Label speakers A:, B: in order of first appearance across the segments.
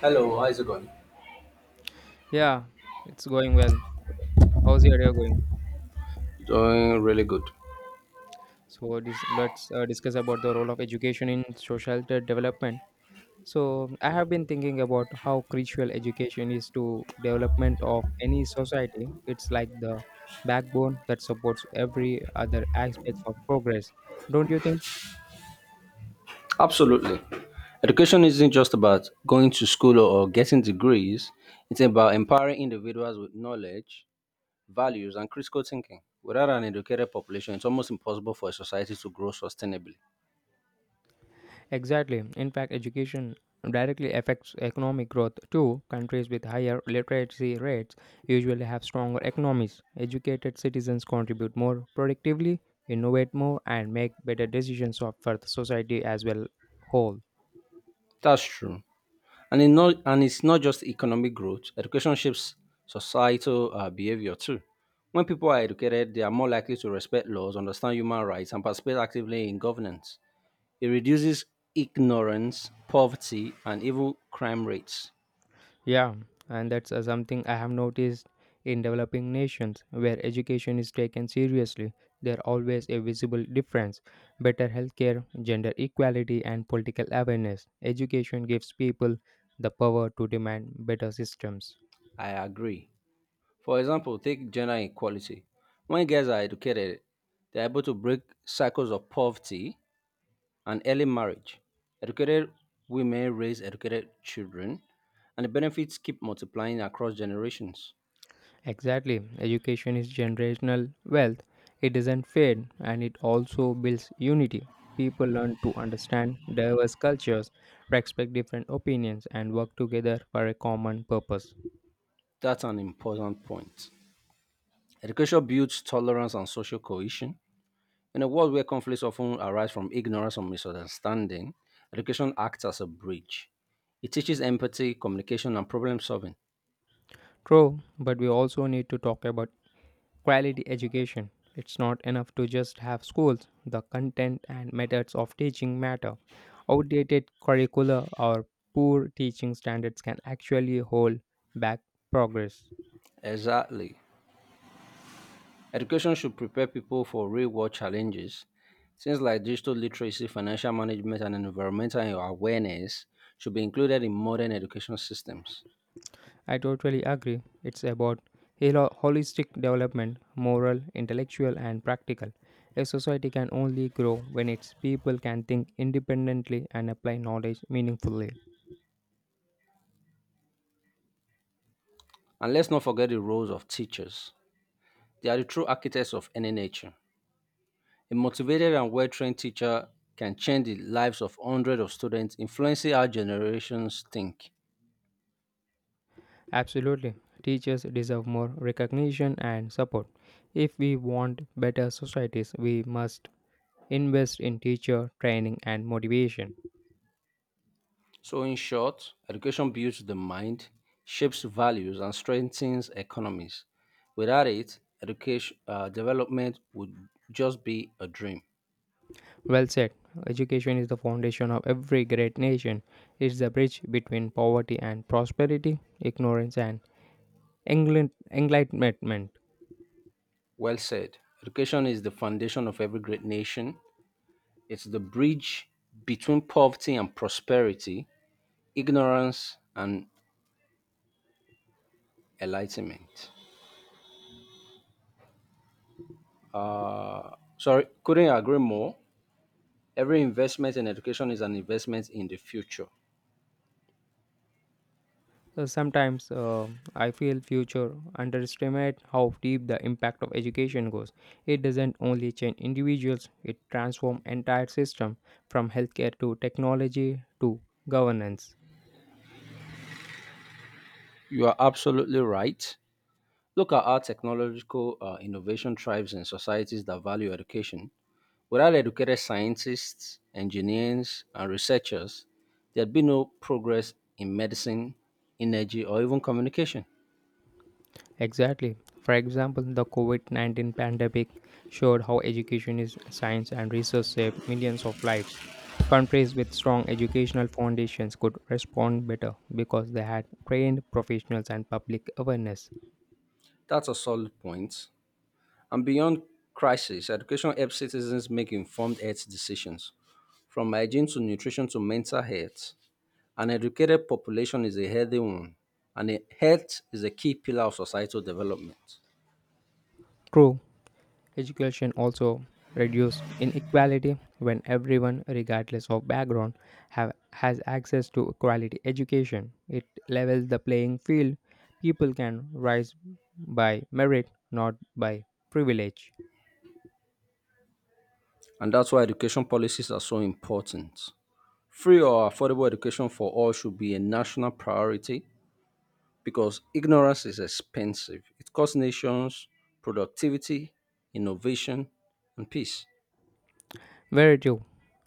A: Hello, how's it going?
B: Yeah, it's going well. How's your day going?
A: Doing really good.
B: So this, let's discuss about the role of education in social development. So I have been thinking about how crucial education is to development of any society. It's like the backbone that supports every other aspects of progress. Don't you think?
A: Absolutely. Education isn't just about going to school or getting degrees, it's about empowering individuals with knowledge, values, and critical thinking. Without an educated population, it's almost impossible for a society to grow sustainably.
B: Exactly. In fact, education directly affects economic growth too. Countries with higher literacy rates usually have stronger economies. Educated citizens contribute more productively, innovate more, and make better decisions for the society as well whole.
A: That's true. And it's not just economic growth. Education shapes societal behavior too. When people are educated, they are more likely to respect laws, understand human rights, and participate actively in governance. It reduces ignorance, poverty, and even crime rates.
B: Yeah, and that's something I have noticed in developing nations where education is taken seriously. There always a visible difference. Better healthcare, gender equality, and political awareness. Education gives people the power to demand better systems.
A: I agree. For example, take gender equality. When girls are educated, they are able to break cycles of poverty and early marriage. Educated women raise educated children, and the benefits keep multiplying across generations.
B: Exactly, education is generational wealth. It doesn't fade and it also builds unity. People learn to understand diverse cultures, respect different opinions, and work together for a common purpose.
A: That's an important point. Education builds tolerance and social cohesion. In a world where conflicts often arise from ignorance or misunderstanding, education acts as a bridge. It teaches empathy, communication, and problem solving.
B: True, but we also need to talk about quality education. It's not enough to just have schools. The content and methods of teaching matter. Outdated curricula or poor teaching standards can actually hold back progress.
A: Exactly. Education should prepare people for real world challenges. Things like digital literacy, financial management, and environmental awareness should be included in modern education systems.
B: I totally agree. It's about holistic development, moral, intellectual, and practical. A society can only grow when its people can think independently and apply knowledge meaningfully.
A: And let's not forget the roles of teachers. They are the true architects of any nature. A motivated and well trained teacher can change the lives of hundreds of students, influencing how generations think.
B: Absolutely. Teachers deserve more recognition and support. If we want better societies, we must invest in teacher training and motivation.
A: So, in short, education builds the mind, shapes values, and strengthens economies. Without it, education development would just be a dream.
B: Well said. Education is the foundation of every great nation. It's the bridge between poverty and prosperity, ignorance and enlightenment.
A: Well said. Education is the foundation of every great nation. It's the bridge between poverty and prosperity, ignorance and enlightenment. Sorry, couldn't agree more. Every investment in education is an investment in the future.
B: Sometimes I feel future underestimate how deep the impact of education goes. It doesn't only change individuals; it transforms entire system from healthcare to technology to governance.
A: You are absolutely right. Look at how technological innovation thrives in societies that value education. Without educated scientists, engineers, and researchers, there'd be no progress in medicine, energy, or even communication.
B: Exactly. For example, the COVID-19 pandemic showed how education is science and research saved millions of lives. Countries with strong educational foundations could respond better because they had trained professionals and public awareness.
A: That's a solid point. And beyond crisis, education helps citizens make informed health decisions, from hygiene to nutrition to mental health. An educated population is a healthy one, and health is a key pillar of societal development.
B: True, Education also reduce inequality when everyone, regardless of background, has access to quality education. It levels the playing field. People can rise by merit, not by privilege.
A: And that's why education policies are so important. Free or affordable education for all should be a national priority because ignorance is expensive. It costs nations productivity, innovation, and peace.
B: Very true.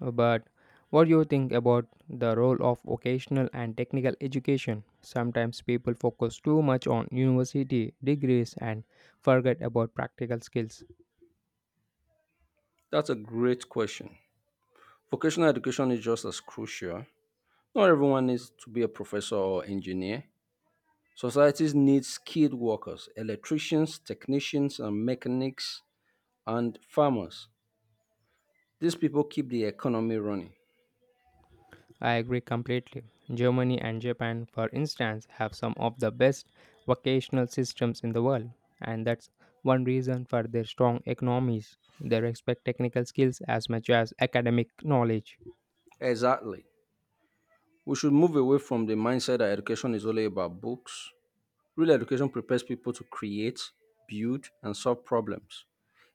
B: But what do you think about the role of vocational and technical education? Sometimes people focus too much on university degrees and forget about practical skills.
A: That's a great question. Vocational education is just as crucial. Not everyone needs to be a professor or engineer. Societies need skilled workers, electricians, technicians, and mechanics, and farmers. These people keep the economy running.
B: I agree completely. Germany and Japan, for instance, have some of the best vocational systems in the world, and that's one reason for their strong economies. They respect technical skills as much as academic knowledge.
A: Exactly. We should move away from the mindset that education is only about books. Real education prepares people to create, build, and solve problems.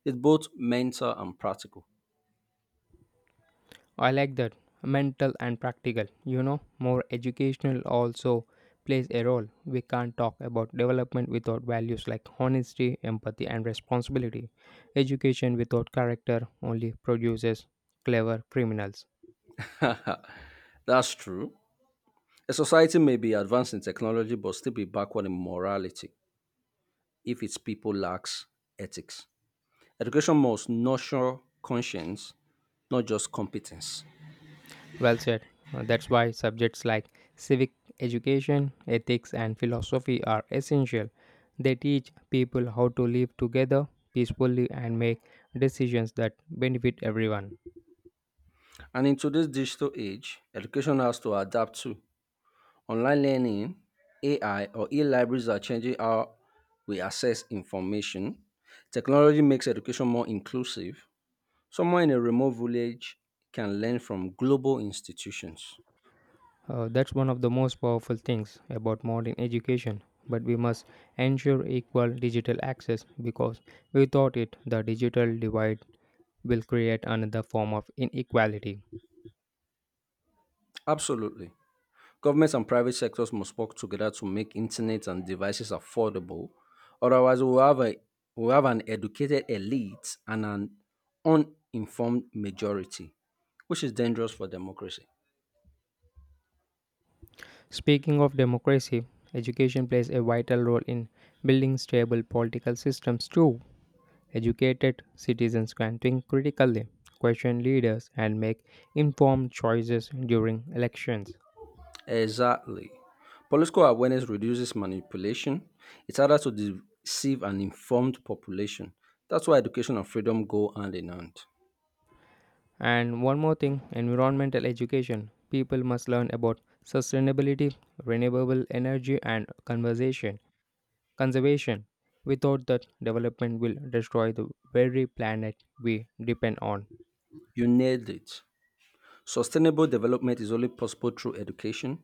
A: It's both mental and practical.
B: I like that. Mental and practical, you know, more educational also plays a role. We can't talk about development without values like honesty, empathy, and responsibility. Education without character only produces clever criminals.
A: That's true. A society may be advanced in technology but still be backward in morality, if its people lacks ethics. Education must nurture conscience, not just competence.
B: Well said. That's why subjects like civic education, ethics, and philosophy are essential. They teach people how to live together peacefully and make decisions that benefit everyone.
A: And in today's digital age, education has to adapt to online learning. AI, or e libraries are changing how we access information. Technology makes education more inclusive. Someone in a remote village can learn from global institutions.
B: That's one of the most powerful things about modern education. But we must ensure equal digital access because without it, the digital divide will create another form of inequality.
A: Absolutely. Governments and private sectors must work together to make internet and devices affordable. Otherwise, we'll have an educated elite and an uninformed majority, which is dangerous for democracy.
B: Speaking of democracy, education plays a vital role in building stable political systems too. Educated citizens can think critically, question leaders, and make informed choices during elections.
A: Exactly. Political awareness reduces manipulation, it's harder to deceive an informed population. That's why education and freedom go hand in hand.
B: And one more thing environmental education. People must learn about sustainability, renewable energy, and conservation. Without that, development will destroy the very planet we depend on.
A: You nailed it. Sustainable development is only possible through education.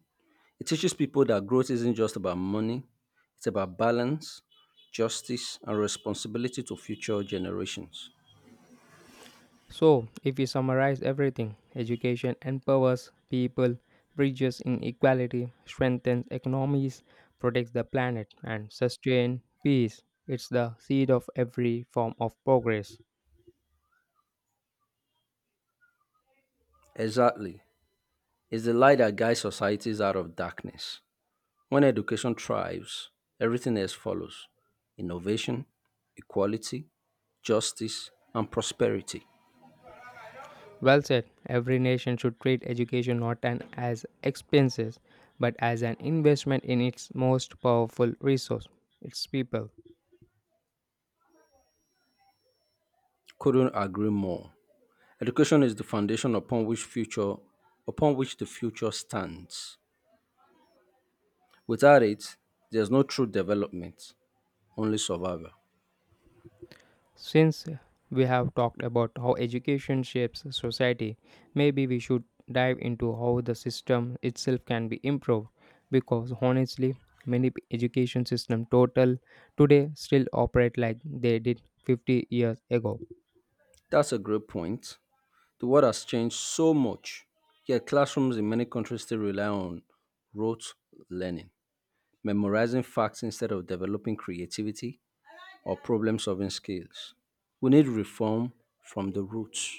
A: It teaches people that growth isn't just about money, it's about balance, justice, and responsibility to future generations.
B: So, if we summarize everything, education empowers people, bridges inequality, strengthens economies, protects the planet, and sustains peace. It's the seed of every form of progress.
A: Exactly. It's the light that guides societies out of darkness. When education thrives, everything else follows innovation, equality, justice, and prosperity.
B: Well said, every nation should treat education not an, as expenses, but as an investment in its most powerful resource, its people.
A: Couldn't agree more. Education is the foundation upon which the future stands. Without it, there's no true development, only survival.
B: Since we have talked about how education shapes society, maybe we should dive into how the system itself can be improved because honestly, many education system total today still operate like they did 50 years ago.
A: That's a great point. The world has changed so much, yet classrooms in many countries still rely on rote learning, memorizing facts instead of developing creativity or problem solving skills. We need reform from the roots.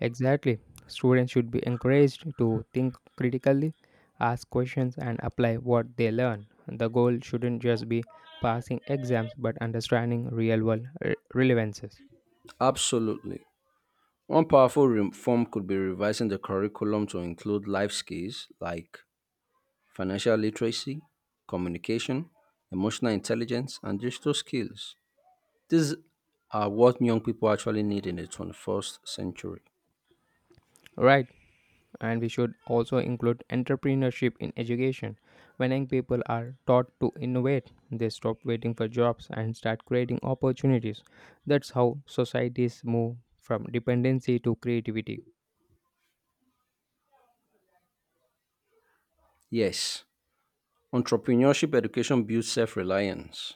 B: Exactly. Students should be encouraged to think critically, ask questions, and apply what they learn. The goal shouldn't just be passing exams but understanding real world relevances.
A: Absolutely. One powerful reform could be revising the curriculum to include life skills like financial literacy, communication, emotional intelligence, and digital skills. These are what young people actually need in the 21st century.
B: Right, and we should also include entrepreneurship in education. When young people are taught to innovate, they stop waiting for jobs and start creating opportunities. That's how societies move from dependency to creativity.
A: Yes, entrepreneurship education builds self reliance.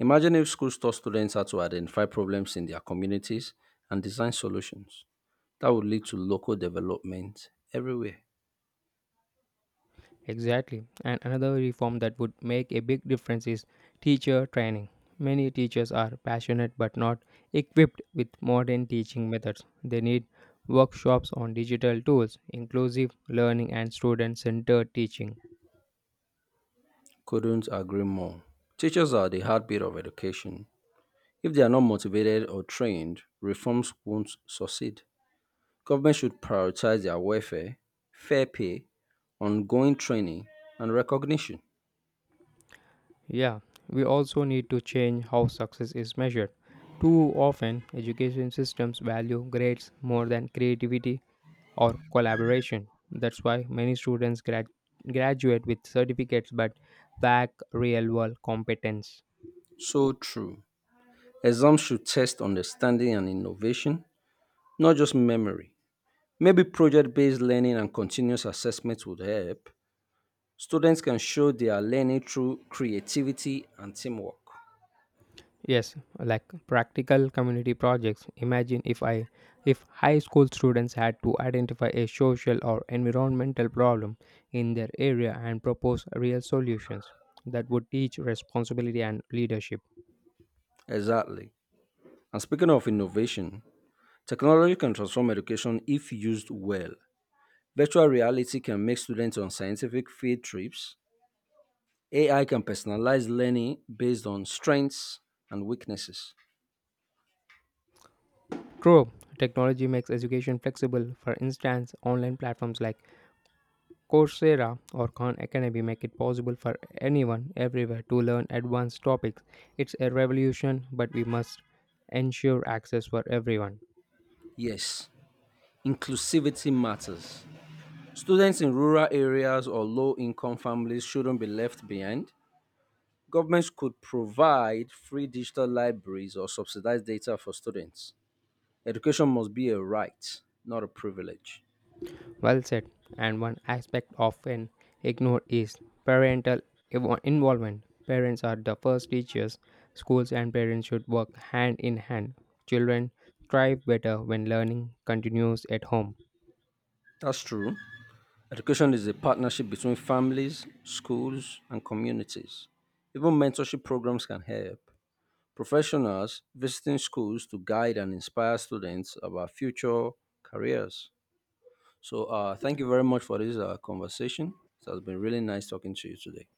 A: Imagine if schools taught students how to identify problems in their communities and design solutions. That would lead to local development everywhere.
B: Exactly. And another reform that would make a big difference is teacher training. Many teachers are passionate but not equipped with modern teaching methods. They need workshops on digital tools, inclusive learning, and student centered teaching.
A: Couldn't agree more. Teachers are the heartbeat of education. If they are not motivated or trained, reforms won't succeed. Government should prioritize their welfare, fair pay, ongoing training, and recognition.
B: Yeah, we also need to change how success is measured. Too often, education systems value grades more than creativity or collaboration. That's why many students graduate with certificates but lack real world competence.
A: So true. Exams should test understanding and innovation, not just memory. Maybe project based learning and continuous assessment would help. Students can show they are learning through creativity and teamwork.
B: Yes, like practical community projects. Imagine if I If high school students had to identify a social or environmental problem in their area and propose real solutions that would teach responsibility and leadership.
A: Exactly. And speaking of innovation, technology can transform education if used well. Virtual reality can make students on scientific field trips. AI can personalize learning based on strengths and weaknesses.
B: True, technology makes education flexible. For instance, online platforms like Coursera or Khan Academy make it possible for anyone everywhere to learn advanced topics. It's a revolution, but we must ensure access for everyone.
A: Yes, inclusivity matters. Students in rural areas or low-income families shouldn't be left behind. Governments could provide free digital libraries or subsidized data for students. Education must be a right, not a privilege.
B: Well said. And one aspect often ignored is parental involvement. Parents are the first teachers. Schools and parents should work hand in hand. Children thrive better when learning continues at home.
A: That's true. Education is a partnership between families, schools, and communities. Even mentorship programs can help. Professionals visiting schools to guide and inspire students about future careers. So, thank you very much for this conversation. It has been really nice talking to you today.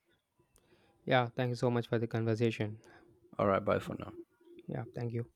B: Yeah, thank you so much for the conversation.
A: All right, bye for now.
B: Yeah, thank you.